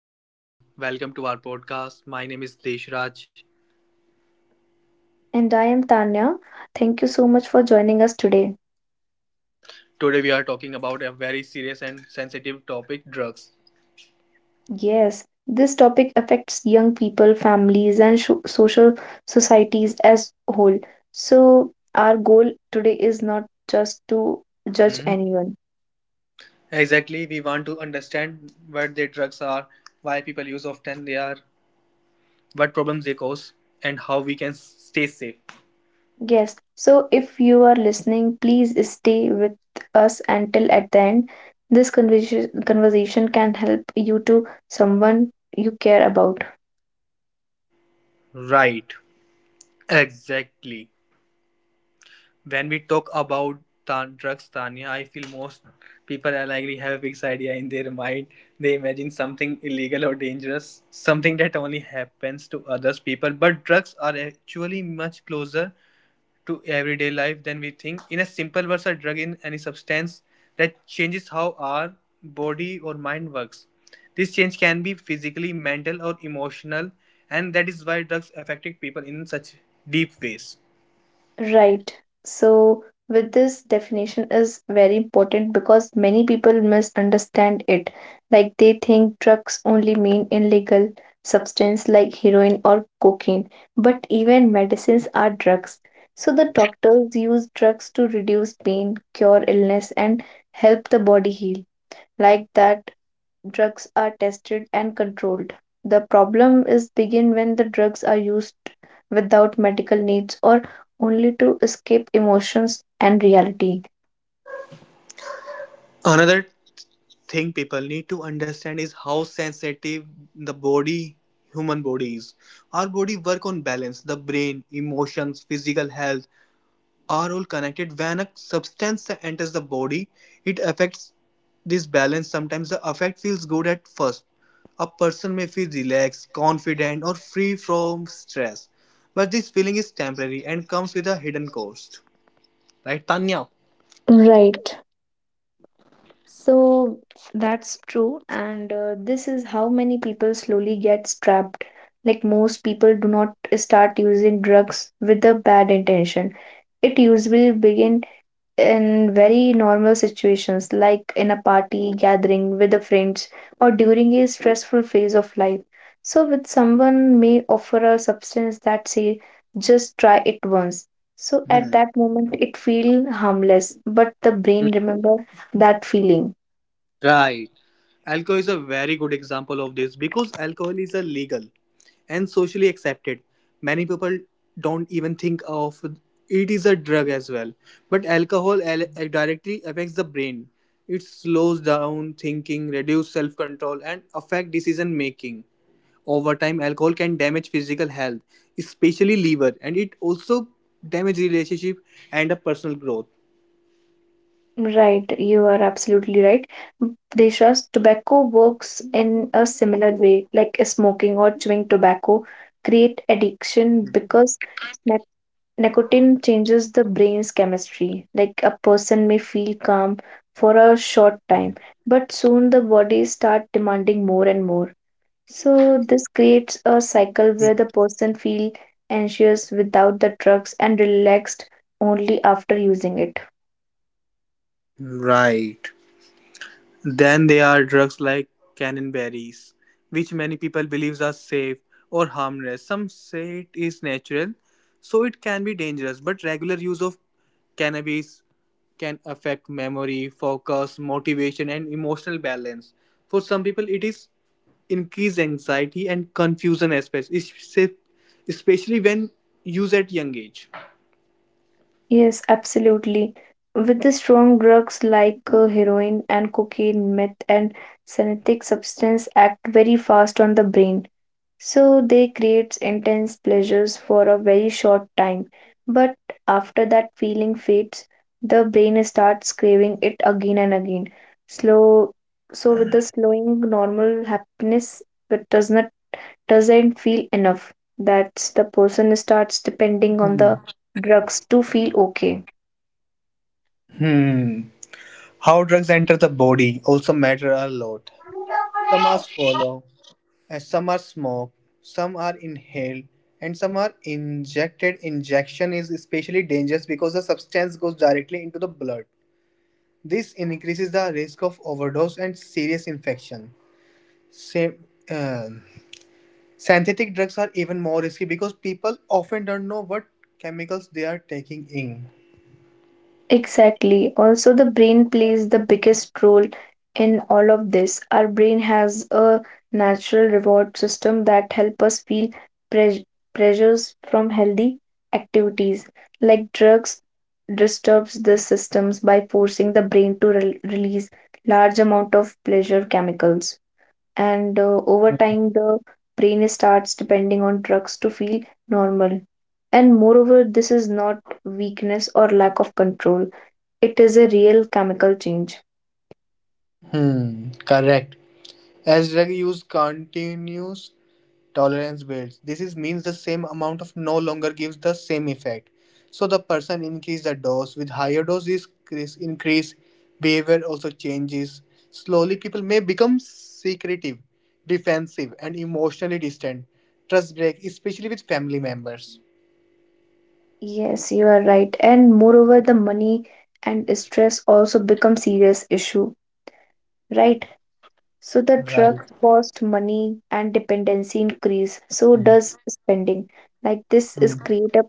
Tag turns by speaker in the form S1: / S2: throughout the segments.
S1: Hello everyone, welcome to our podcast. My name is Deshraj.
S2: And I am Tanya. Thank you so much for joining us today.
S1: Today we are talking about a very serious and sensitive topic, drugs.
S2: Yes, this topic affects young people, families, and sho social societies as a whole. So, our goal today is not just to judge
S1: Mhm.
S2: anyone.
S1: Exactly, we want to understand what the drugs are, why people use often they are, what problems they cause, and how we can stay safe.
S2: Yes, so if you are listening, please stay with us until at the end. This conversation can help you to someone you care about.
S1: Right. Exactly. When we talk about drugs, Tanya, I feel most people are likely have a fixed idea in their mind. They imagine something illegal or dangerous, something that only happens to others people. But drugs are actually much closer to everyday life than we think. In a simple words, a drug in any substance that changes how our body or mind works. This change can be physically, mental, or emotional, and that is why drugs affected people in such deep ways.
S2: Right. So, with this definition is very important because many people misunderstand it. Like they think drugs only mean illegal substance like heroin or cocaine, but even medicines are drugs. So the doctors use drugs to reduce pain, cure illness, and help the body heal. Like that drugs are tested and controlled. The problem is begin when the drugs are used without medical needs or only to escape emotions and reality.
S1: Another thing people need to understand is how sensitive the body human body is. Our body work on balance, the brain, emotions, physical health are all connected. When a substance enters the body, it affects this balance. Sometimes the effect feels good at first, a person may feel relaxed, confident, or free from stress, but this feeling is temporary and comes with a hidden cost, right, Tanya?
S2: Right. So that's true, and this is how many people slowly get trapped. Like most people do not start using drugs with a bad intention. It usually begin in very normal situations like in a party gathering with the friends or during a stressful phase of life, so with someone may offer a substance that say just try it once. So at
S1: Hmm.
S2: that moment it feel harmless, but the brain remember that feeling.
S1: Right. Alcohol is a very good example of this because alcohol is a legal and socially accepted. Many people don't even think of it is a drug as well. But directly affects the brain. It slows down thinking, reduce self-control, and affect decision making. Over time, alcohol can damage physical health, especially liver, and it also damage relationship and a personal growth.
S2: Right, you are absolutely right. Desha's tobacco works in a similar way, like smoking or chewing tobacco create addiction because nic- nicotine changes the brain's chemistry. Like a person may feel calm for a short time, but soon the body start demanding more and more. So this creates a cycle where the person feel anxious without the drugs and relaxed only after using it.
S1: Right. Then there are drugs like cranberries, which many people believe are safe or harmless. Some say it is natural, so it can be dangerous. But regular use of cannabis can affect memory, focus, motivation, and emotional balance. For some people, it is increased anxiety and confusion aspects, especially when used at young age.
S2: Yes, absolutely. With the strong drugs like heroin and cocaine, meth and synthetic substance act very fast on the brain. So they creates intense pleasures for a very short time. But after that feeling fades, the brain starts craving it again and again. Slow So with the slowing normal happiness it doesn't feel enough. That's the person starts depending on the drugs to feel okay.
S1: Hmm. How drugs enter the body also matter a lot. Some are swallow, as some are smoked, some are inhaled, and some are injected. Injection is especially dangerous because the substance goes directly into the blood. This increases the risk of overdose and serious infection. Sa- uh, Synthetic drugs are even more risky because people often don't know what chemicals they are taking in.
S2: Exactly. Also, the brain plays the biggest role in all of this. Our brain has a natural reward system that help us feel pres- pressures from healthy activities, like drugs disturbs the systems by forcing the brain to release large amount of pleasure chemicals. And over time, the brain starts depending on drugs to feel normal. And moreover, this is not weakness or lack of control, it is a real chemical change.
S1: Hmm, correct. As drug use continues, tolerance builds. This is means the same amount of no longer gives the same effect. So the person increase the dose. With higher doses increase, behavior also changes. Slowly people may become secretive, defensive, and emotionally distant. Trust break, especially with family members.
S2: Yes, you are right. And moreover, the money and stress also become serious issue, right? So the
S1: Right.
S2: drug cost, money and dependency increase. So
S1: Hmm.
S2: does spending. Like this is
S1: Hmm.
S2: create a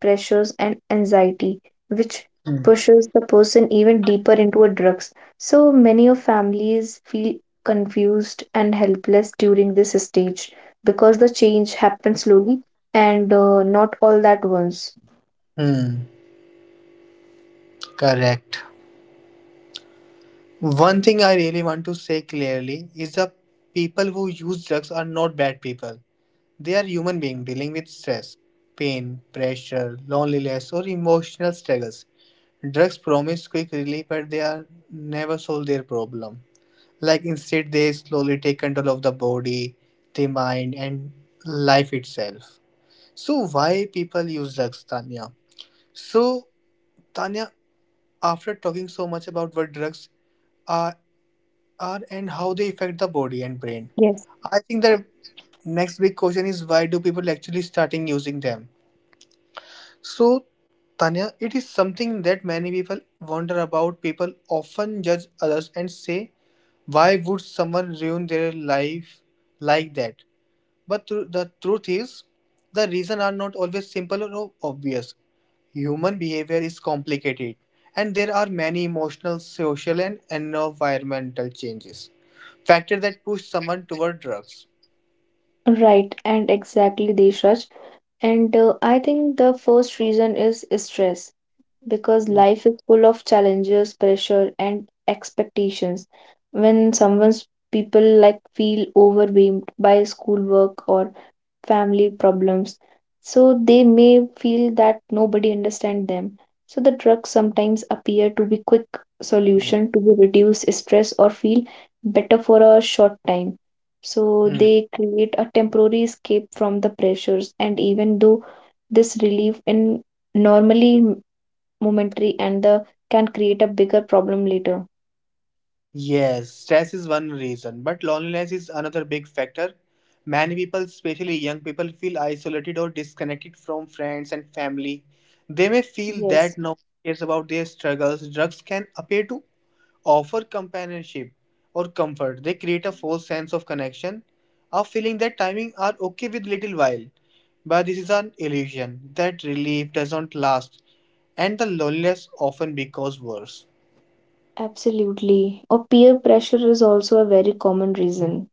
S2: pressures and anxiety which
S1: Hmm.
S2: pushes the person even deeper into a drugs, so many of families feel confused and helpless during this stage because the change happens slowly and not all at once.
S1: Hmm. Correct. One thing I really want to say clearly is that people who use drugs are not bad people. They are human beings dealing with stress, pain, pressure, loneliness, or emotional struggles. Drugs promise quick relief, but they are never solve their problem. Like instead, they slowly take control of the body, the mind, and life itself. So why people use drugs, Tanya? So Tanya, after talking so much about what drugs are are and how they affect the body and brain.
S2: Yes.
S1: I think the next big question is why do people actually starting using them? So Tanya, it is something that many people wonder about. People often judge others and say, why would someone ruin their life like that? But the truth is, the reasons are not always simple or obvious. Human behavior is complicated, and there are many emotional, social, and environmental changes. Factors that push someone toward drugs.
S2: Right, and exactly, Deshraj. And I think the first reason is stress, because
S1: Hmm,
S2: life is full of challenges, pressure, and expectations. When someone's people like feel overwhelmed by schoolwork or family problems, so they may feel that nobody understands them. So the drugs sometimes appear to be quick
S1: hmm,
S2: solution to reduce stress or feel better for a short time. So
S1: hmm.
S2: they create a temporary escape from the pressures, and even though this relief in normally momentary and the can create a bigger problem later.
S1: Yes, stress is one reason, but loneliness is another big factor. Many people, especially young people, feel isolated or disconnected from friends and family. They may feel
S2: Yes,
S1: that no one cares about their struggles. Drugs can appear to offer companionship or comfort. They create a false sense of connection, a feeling that timing are okay with little while. But this is an illusion. That relief doesn't last, and the loneliness often becomes worse.
S2: absolutely. Or peer pressure is also a very common reason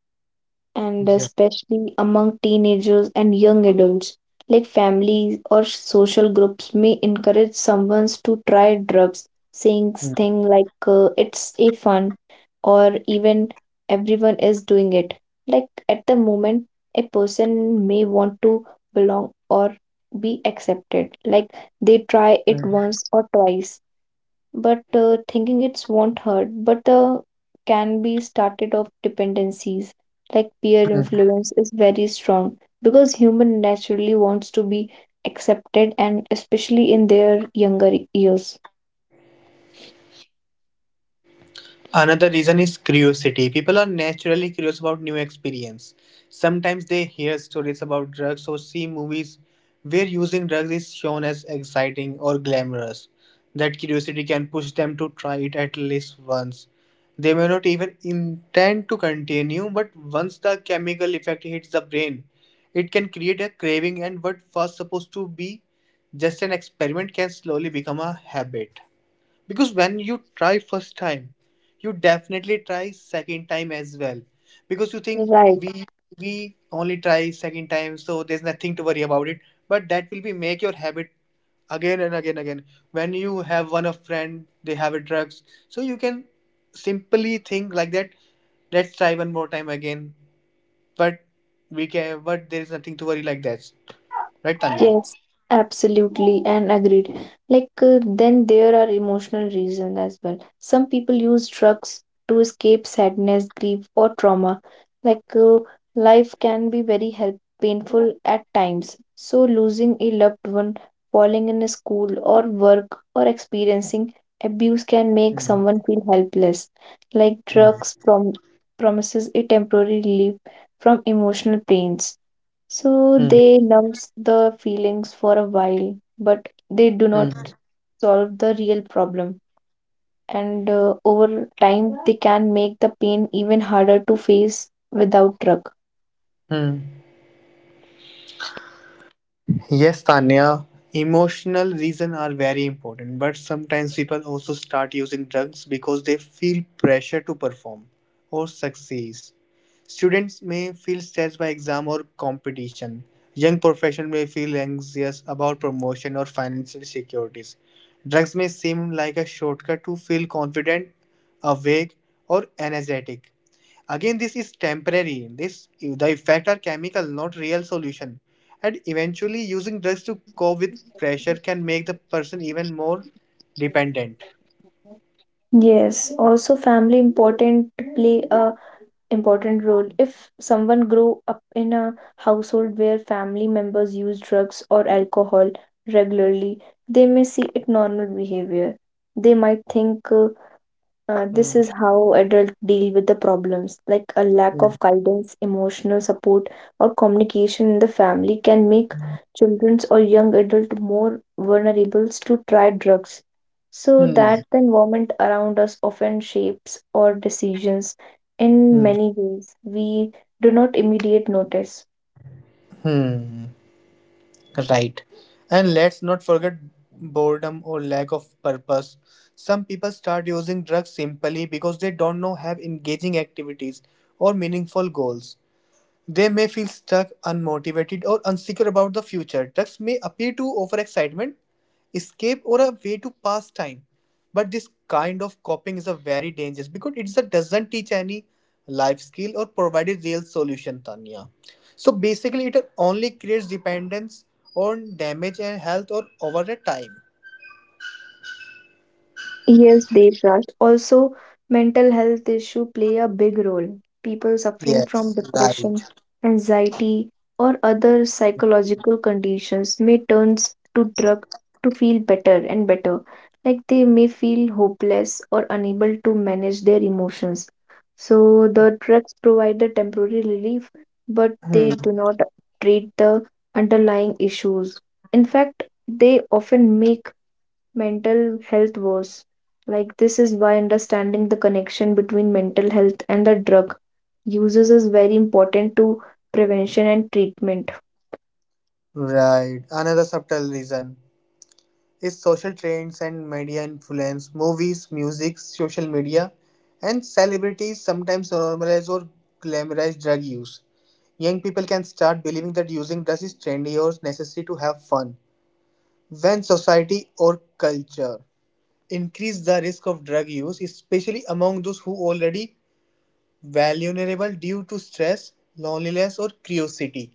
S2: and
S1: Yeah.
S2: especially among teenagers and young adults. Like families or social groups may encourage someone to try drugs, saying things like it's a fun or even everyone is doing it. Like at the moment, a person may want to belong or be accepted. Like they try it once or twice but thinking it's won't hurt but the can be started of dependencies. Like peer influence is very strong because human naturally wants to be accepted and especially in their younger years.
S1: Another reason is curiosity. People are naturally curious about new experience. Sometimes they hear stories about drugs or see movies where using drugs is shown as exciting or glamorous. That curiosity can push them to try it at least once. They may not even intend to continue, but once the chemical effect hits the brain, it can create a craving, and what was supposed to be just an experiment can slowly become a habit, because when you try first time, you definitely try second time as well, because you think
S2: Right.
S1: we we only try second time, so there's nothing to worry about it, but that will be make your habit again and again again. When you have one of friend, they have a drugs, so you can simply think like that, let's try one more time again, but we can, but there is nothing to worry like that, right, Tanya?
S2: Yes, absolutely, and agreed. Then there are emotional reasons as well. Some people use drugs to escape sadness, grief, or trauma. Like, uh, Life can be very help painful at times. So, losing a loved one, falling in a school or work, or experiencing abuse can make
S1: Hmm.
S2: someone feel helpless. Like,
S1: Hmm.
S2: drugs promises a temporary relief from emotional pains, so
S1: Hmm.
S2: they numb the feelings for a while, but they do not
S1: Hmm.
S2: solve the real problem. And over time, they can make the pain even harder to face without drug.
S1: Hmm. Yes, Tanya, emotional reasons are very important, but sometimes people also start using drugs because they feel pressure to perform or succeed. Students may feel stressed by exam or competition. Young professionals may feel anxious about promotion or financial securities. Drugs may seem like a shortcut to feel confident, awake, or energetic. Again, this is temporary. This the effect are chemical, not real solution. And eventually, using drugs to cope with pressure can make the person even more dependent.
S2: Yes, also family important play a important role. If someone grow up in a household where family members use drugs or alcohol regularly, they may see it normal behavior. They might think this
S1: Hmm.
S2: is how adults deal with the problems. Like a lack
S1: Hmm.
S2: of guidance, emotional support, or communication in the family can make children's or young adults more vulnerable to try drugs. So
S1: Hmm.
S2: that the environment around us often shapes our decisions in
S1: Hmm.
S2: many ways we do not immediate notice.
S1: Hmm. Right. And let's not forget boredom or lack of purpose. Some people start using drugs simply because they don't know have engaging activities or meaningful goals. They may feel stuck, unmotivated, or unsecure about the future. Drugs may appear to offer excitement, escape, or a way to pass time. But this kind of coping is a very dangerous because doesn't teach any life skill or provide a real solution, Tanya. So basically, it only creates dependence on damage and health or over the time.
S2: Yes, Devraj. Also, mental health issue play a big role. People suffering from
S1: Yes,
S2: depression,
S1: right.
S2: anxiety, or other psychological conditions may turn to drug to feel better and better. Like they may feel hopeless or unable to manage their emotions. So the drugs provide a temporary relief, but
S1: Hmm.
S2: they do not treat the underlying issues. In fact, they often make mental health woes. Like, this is why understanding the connection between mental health and the drug uses is very important to prevention and treatment.
S1: Right. Another subtle reason is social trends and media influence. Movies, music, social media, and celebrities sometimes normalize or glamorize drug use. Young people can start believing that using drugs is trendy or necessary to have fun. When society or culture increase the risk of drug use, especially among those who already vulnerable due to stress, loneliness, or curiosity.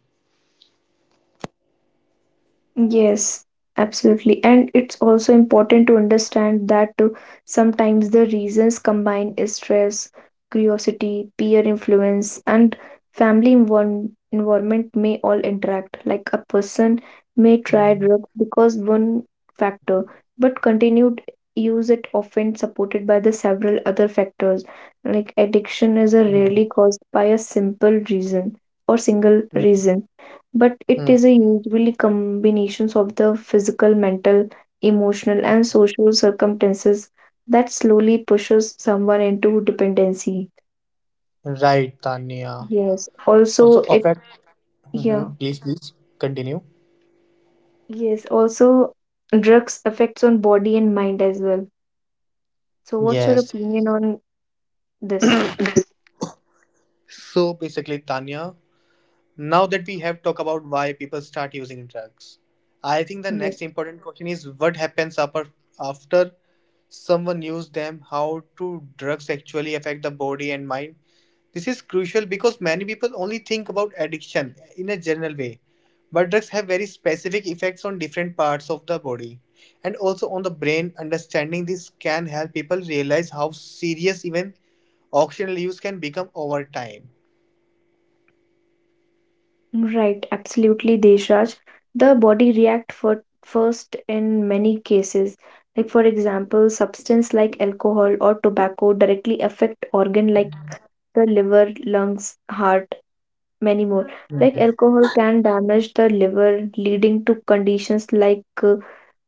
S2: Yes, absolutely. And it's also important to understand that sometimes the reasons combined is stress, curiosity, peer influence, and family environment may all interact. Like a person may try drugs because one factor, but continued use it often supported by the several other factors. Like addiction is a
S1: Hmm,
S2: rarely caused by a simple reason or single
S1: hmm,
S2: reason, but it
S1: hmm.
S2: is a usually combinations of the physical, mental, emotional, and social circumstances that slowly pushes someone into dependency.
S1: Right, Tanya.
S2: Yes.
S1: Also
S2: Also, it
S1: affect.
S2: yeah.
S1: Mhm. Please continue.
S2: Yes. Also, drugs affects on body and mind as well. So, what's your
S1: Yes.
S2: opinion on this?
S1: So basically, Tanya, now that we have talked about why people start using drugs, I think the next
S2: Yes.
S1: important question is what happens upper, after someone uses them, how do drugs actually affect the body and mind? This is crucial because many people only think about addiction in a general way, but drugs have very specific effects on different parts of the body and also on the brain. Understanding this can help people realize how serious even occasional use can become over time.
S2: Right, absolutely, Deshraj. The body react for first in many cases. Like for example, substance like alcohol or tobacco directly affect organ like the liver, lungs, heart, many more.
S1: Hmm.
S2: Like alcohol can damage the liver, leading to conditions like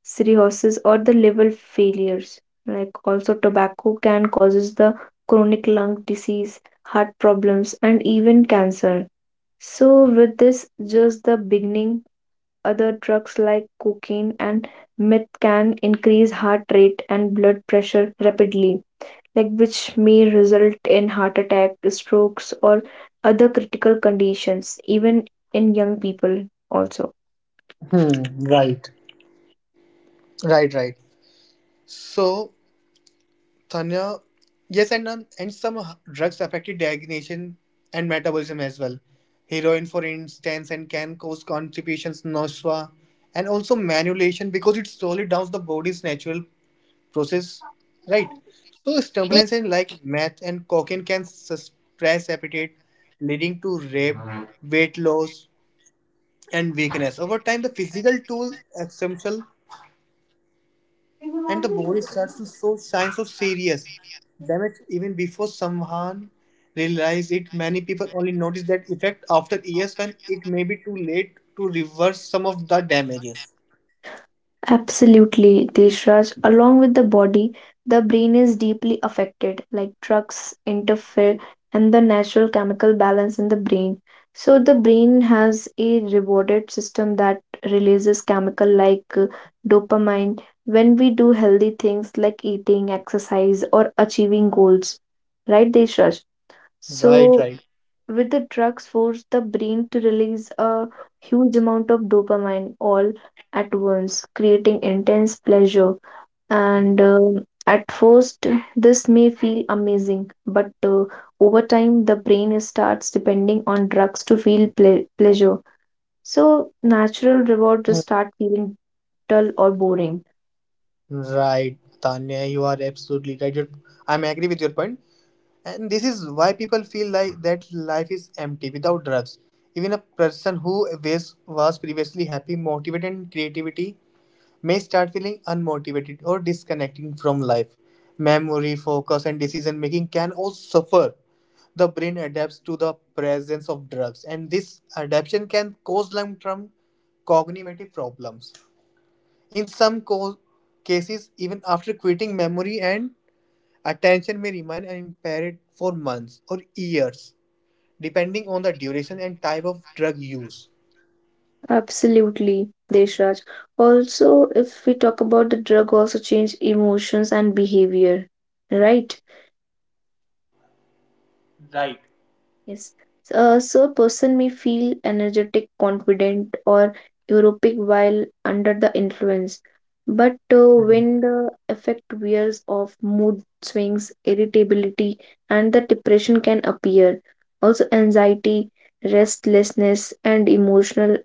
S2: cirrhosis or the liver failures. Like also, tobacco can causes the chronic lung disease, heart problems, and even cancer. So, with this just the beginning, other drugs like cocaine and meth can increase heart rate and blood pressure rapidly, like which may result in heart attack, strokes, or other critical conditions, even in young people also.
S1: Hmm. Right. Right. Right. So Tanya, yes, and and some drugs affected digestion and metabolism as well. Heroin, for instance, and can cause constipations, nausea, and also manipulation because it slowly downs the body's natural process. Right. So stimulants and like meth and cocaine can suppress appetite, leading to rape, weight loss, and weakness. Over time, the physical toll essential and the body starts to show signs of serious damage even before someone realizes it. Many people only notice that effect after years when it may be too late to reverse some of the damages.
S2: Absolutely, Deshraj. Along with the body, the brain is deeply affected, like drugs interfere and the natural chemical balance in the brain. So, the brain has a rewarded system that releases chemical like dopamine when we do healthy things like eating, exercise, or achieving goals. Right, Deshraj?
S1: Right,
S2: So,
S1: right.
S2: with the drugs force the brain to release a huge amount of dopamine all at once, creating intense pleasure. And at first this may feel amazing but over time the brain starts depending on drugs to feel pleasure, so natural reward just start feeling dull or boring.
S1: Right, Tanya, you are absolutely right. You're, I'm agree with your point, and this is why people feel like that life is empty without drugs. Even a person who was previously happy, motivated, and creativity may start feeling unmotivated or disconnecting from life. Memory, focus, and decision making can all suffer. The brain adapts to the presence of drugs, and this adaptation can cause long term cognitive problems. In cases, even after quitting, memory and attention may remain impaired for months or years, depending on the duration and type of drug use.
S2: Absolutely, Deshraj. Also, if we talk about the drug, also change emotions and behavior, right?
S1: Right.
S2: Yes. So a person may feel energetic, confident, or euphoric while under the influence. But
S1: Hmm.
S2: when the effect wears off, mood swings, irritability, and the depression can appear. Also, anxiety, restlessness, and emotional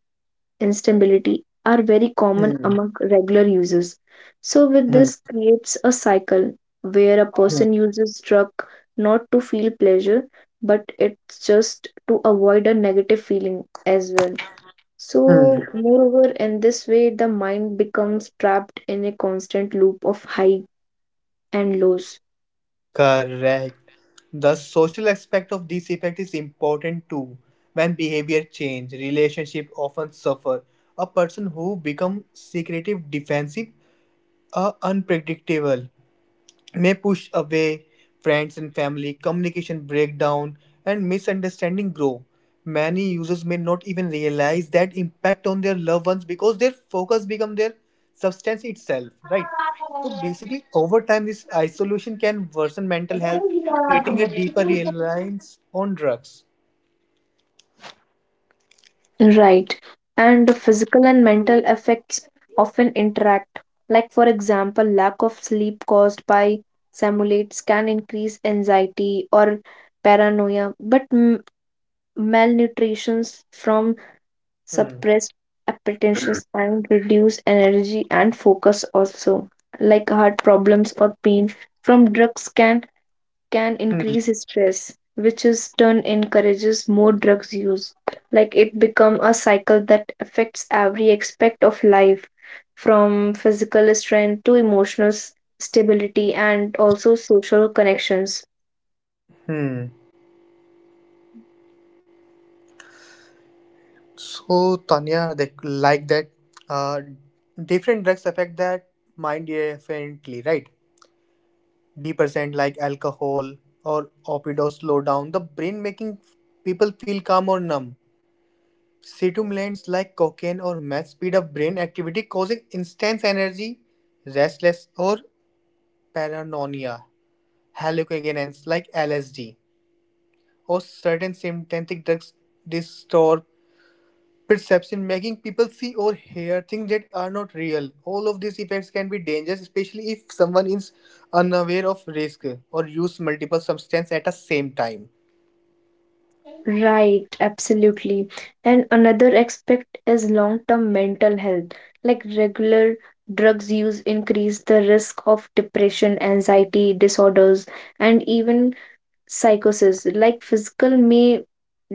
S2: instability are very common
S1: Hmm.
S2: among regular users. So, with
S1: Hmm.
S2: this creates a cycle where a
S1: Hmm.
S2: person uses drug not to feel pleasure, but it's just to avoid a negative feeling as well.
S1: Hmm.
S2: So, moreover, in this way, the mind becomes trapped in a constant loop of high and lows.
S1: Correct. The social aspect of this effect is important too. When behavior change, relationship often suffer. A person who becomes secretive, defensive, unpredictable may push away friends and family, communication breakdown, and misunderstanding grow. Many users may not even realize that impact on their loved ones because their focus become their substance itself, right? So basically, over time, this isolation can worsen mental health, creating a deeper reliance on drugs.
S2: Right. And the physical and mental effects often interact. Like, for example, lack of sleep caused by simulates can increase anxiety or paranoia, but malnutrition from
S1: Hmm.
S2: suppressed appetitions can reduce energy and focus also. Like heart problems or pain from drugs can
S1: Hmm.
S2: increase his stress, which in turn encourages more drugs use. Like it become a cycle that affects every aspect of life, from physical strength to emotional stability and also social connections.
S1: Hmm. So Tanya, they like that. Uh, Different drugs affect that mind differently, right? Depressant like alcohol or opioids slow down the brain, making people feel calm or numb. Stimulants like cocaine or meth speed up brain activity, causing intense energy, restlessness, or paranoia. Hallucinogens like LSD or certain synthetic drugs distort perception, making people see or hear things that are not real. All of these effects can be dangerous, especially if someone is unaware of risk or use multiple substances at the same time.
S2: Right, absolutely. And another aspect is long-term mental health. Like regular drugs use increase the risk of depression, anxiety disorders, and even psychosis. Like physical may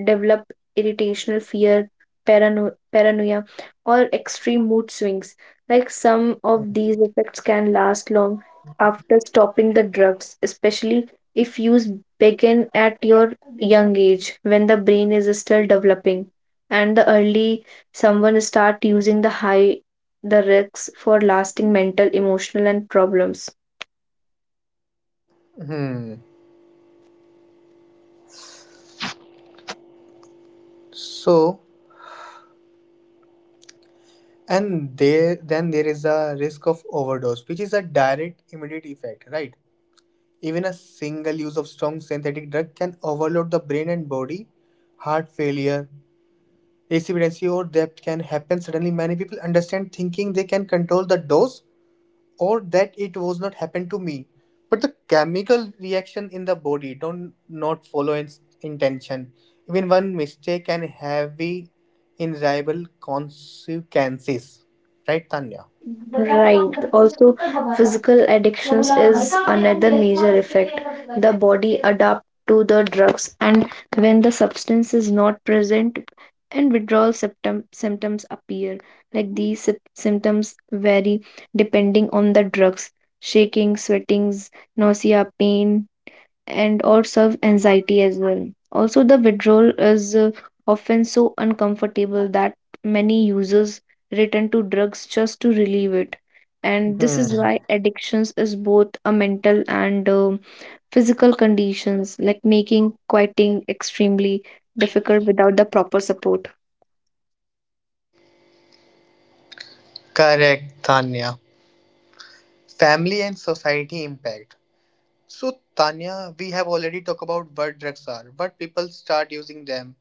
S2: develop irritational fear, paranoia, or extreme mood swings. Like some of these effects can last long after stopping the drugs, especially if use begin at your young age when the brain is still developing. And the early someone start using, the high the risks for lasting mental emotional and problems.
S1: Hmm. So, and there then there is a risk of overdose, which is a direct immediate effect, right? Even a single use of strong synthetic drug can overload the brain and body. Heart failure, precipitancy, or death can happen suddenly. Many people understand, thinking they can control the dose or that it was not happen to me, but the chemical reaction in the body don't not follow its intention. Even one mistake can have the invisible consequences, right, Tanya?
S2: Right. Also, physical addictions is another major effect. The body adapts to the drugs, and when the substance is not present, and symptoms appear. Like these symptoms vary depending on the drugs: shaking, sweatings, nausea, pain, and or serve anxiety as well. Also, the withdrawal is often so uncomfortable that many users return to drugs just to relieve it. And this
S1: Hmm.
S2: is why addictions is both a mental and physical conditions, like making quitting extremely difficult without the proper support.
S1: Correct, Tanya. Family and society impact. So Tanya, we have already talked about what drugs are, what people start using them,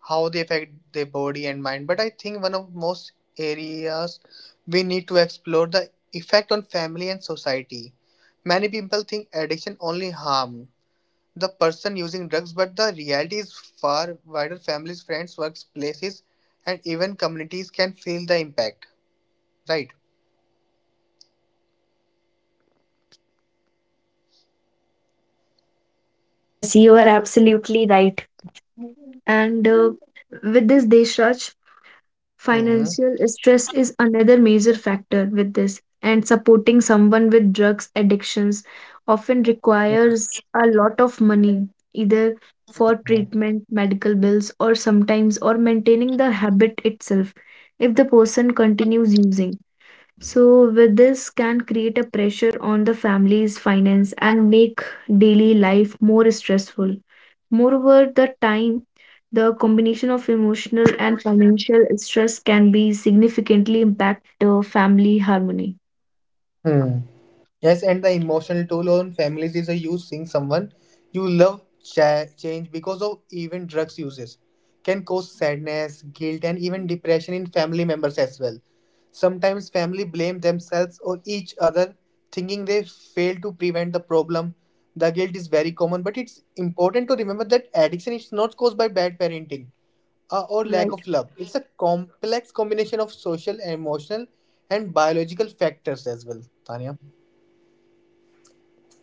S1: how they affect their body and mind. But I think one of most areas we need to explore the effect on family and society. Many people think addiction only harm the person using drugs, but the reality is far wider. Families, friends, workplaces, and even communities can feel the impact. Right?
S2: Yes, you are absolutely right. And with this, Deshraj,
S1: Hmm.
S2: financial stress is another major factor with this, and supporting someone with drugs addictions often requires a lot of money, either for treatment, medical bills, or sometimes or maintaining the habit itself if the person continues using. So, with this can create a pressure on the family's finance and make daily life more stressful. Moreover, the time, the combination of emotional and financial stress can be significantly impact the family harmony.
S1: Hmm. Yes, and the emotional toll on families is a huge thing. Someone you love change because of even drugs uses can cause sadness, guilt, and even depression in family members as well. Sometimes family blame themselves or each other, thinking they failed to prevent the problem. The guilt is very common, but it's important to remember that addiction is not caused by bad parenting or lack
S2: Right.
S1: of love. It's a complex combination of social, emotional, and biological factors as well, Tanya.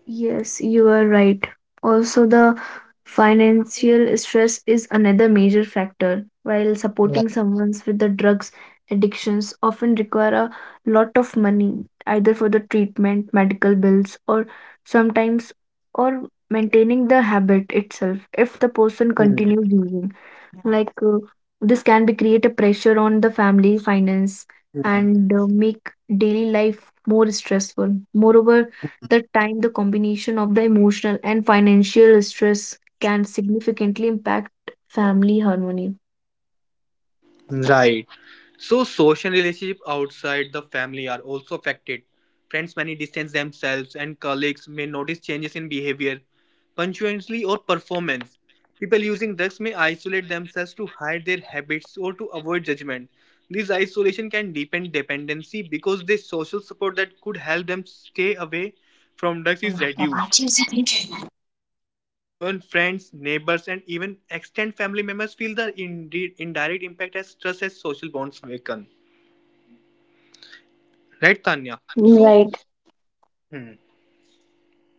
S2: Yes, you are right. Also, the financial stress is another major factor. While supporting someone with the drugs addictions often require a lot of money, either for the treatment, medical bills, or sometimes or maintaining the habit itself if the person
S1: Hmm.
S2: continues using. Like this can be create a pressure on the family finance and make daily life more stressful. Moreover, the time, the combination of the emotional and financial stress can significantly impact family harmony.
S1: Right. So social relationship outside the family are also affected. Friends may distance themselves, and colleagues may notice changes in behavior, punctuality, or performance. People using drugs may isolate themselves to hide their habits or to avoid judgment. This isolation can deepen dependency because the social support that could help them stay away from drugs is reduced. When friends, neighbors, and even extended family members feel the indirect impact as stress, as social bonds weaken. Right, Tanya? So,
S2: Right.
S1: hmm.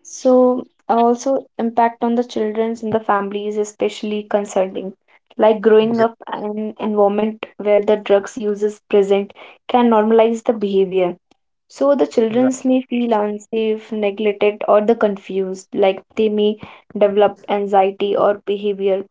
S2: So also impact on the children's and the families is especially concerning. Like growing up in an environment where the drugs use is present can normalize the behavior. So the children may feel unsafe, neglected, or the confused, like they may develop anxiety or behavior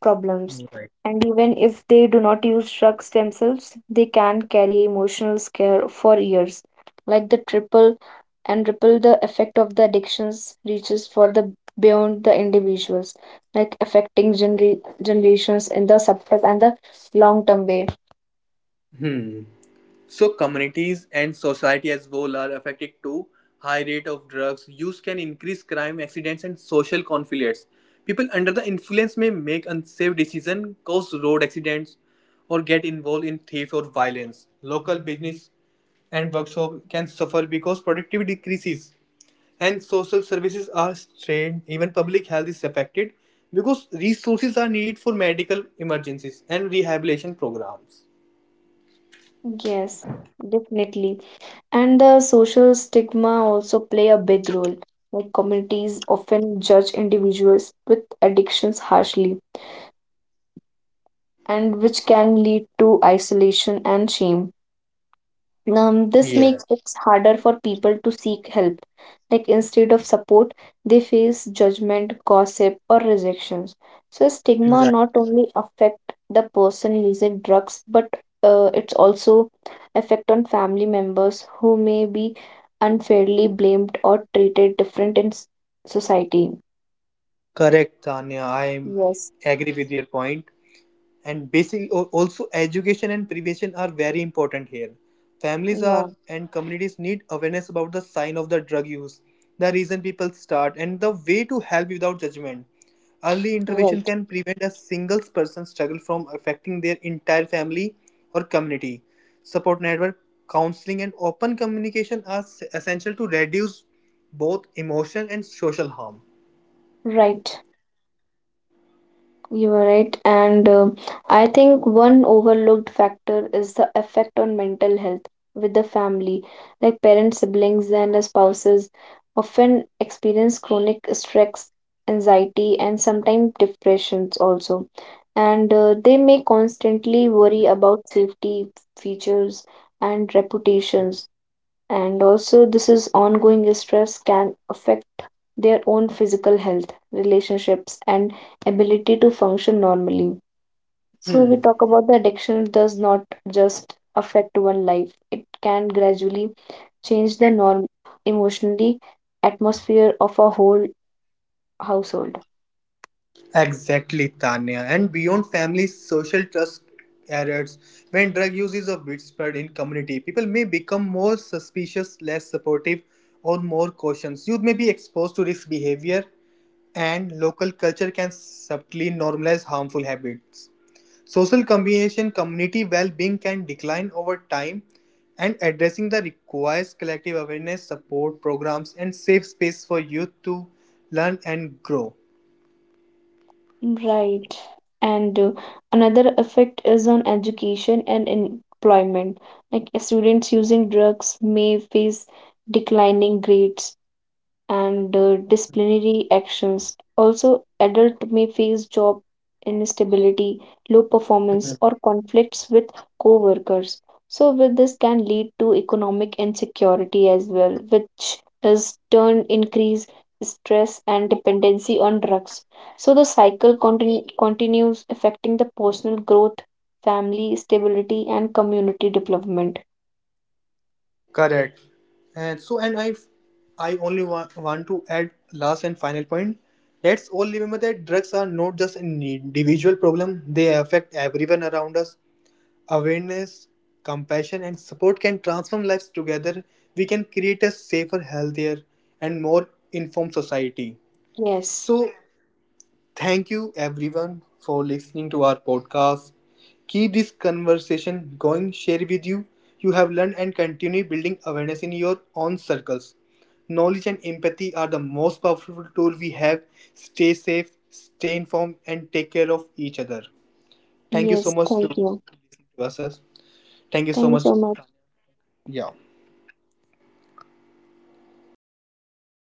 S2: problems. And even if they do not use drugs themselves, they can carry emotional scare for years. Like the triple and ripple the effect of the addictions reaches for the beyond the individuals, like affecting generations in the subtle and the long term way.
S1: So communities and society as whole are affected too. High rate of drugs use can increase crime, accidents, and social conflicts. People under the influence may make unsafe decisions, cause road accidents, or get involved in theft or violence. Local business and workshop can suffer because productivity decreases, and social services are strained. Even public health is affected because resources are needed for medical emergencies and rehabilitation programs.
S2: Yes, definitely. And the social stigma also play a big role. Like communities often judge individuals with addictions harshly, and which can lead to isolation and shame. This makes
S1: Yes.
S2: it harder for people to seek help. Like instead of support, they face judgment, gossip, or rejections. So stigma
S1: Right.
S2: not only affect the person using drugs, but it's also affect on family members who may be unfairly blamed or treated different in s- society.
S1: Correct, Tanya. I am
S2: Yes,
S1: agree with your point. And basic also education and prevention are very important here. Families
S2: yeah,
S1: are and communities need awareness about the sign of the drug use, the reason people start, and the way to help without judgment. Early intervention
S2: right.
S1: can prevent a single person's struggle from affecting their entire family or community. Support network, counseling, and open communication are essential to reduce both emotional and social harm.
S2: Right. You are right. And I think one overlooked factor is the effect on mental health with the family. Like parents, siblings, and spouses often experience chronic stress, anxiety, and sometimes depressions also. And they may constantly worry about safety features and reputations, and also this is ongoing stress can affect their own physical health, relationships, and ability to function normally. So we
S1: Hmm.
S2: talk about the addiction does not just affect one life. It can gradually change the norm, emotionally atmosphere of a whole household.
S1: Exactly, Tanya. And beyond family, social trust errors. When drug use is widespread in community, people may become more suspicious, less supportive, or more cautious. Youth may be exposed to risk behavior, and local culture can subtly normalize harmful habits. Social combination community well-being can decline over time, and addressing the requires collective awareness, support programs, and safe space for youth to learn and grow.
S2: Right. And another effect is on education and employment. Like students using drugs may face declining grades and disciplinary actions. Also, adult may face job instability, low performance, or conflicts with co-workers. So, with this can lead to economic insecurity as well, which is turn increase stress and dependency on drugs. So the cycle continues affecting the personal growth, family stability, and community development.
S1: Correct. And I only want to add last and final point. Let's all remember that drugs are not just an individual problem; they affect everyone around us. Awareness, compassion, and support can transform lives together. We can create a safer, healthier, and more informed society.
S2: Yes.
S1: So, thank you everyone for listening to our podcast. Keep this conversation going, share with you. You have learned and continue building awareness in your own circles. Knowledge and empathy are the most powerful tool we have. Stay safe, stay informed, and take care of each other. Thank you so
S2: Yes.
S1: much to
S2: Thank you.
S1: listen to us. Thank you so
S2: Thank you
S1: much.
S2: so much.
S1: Yeah.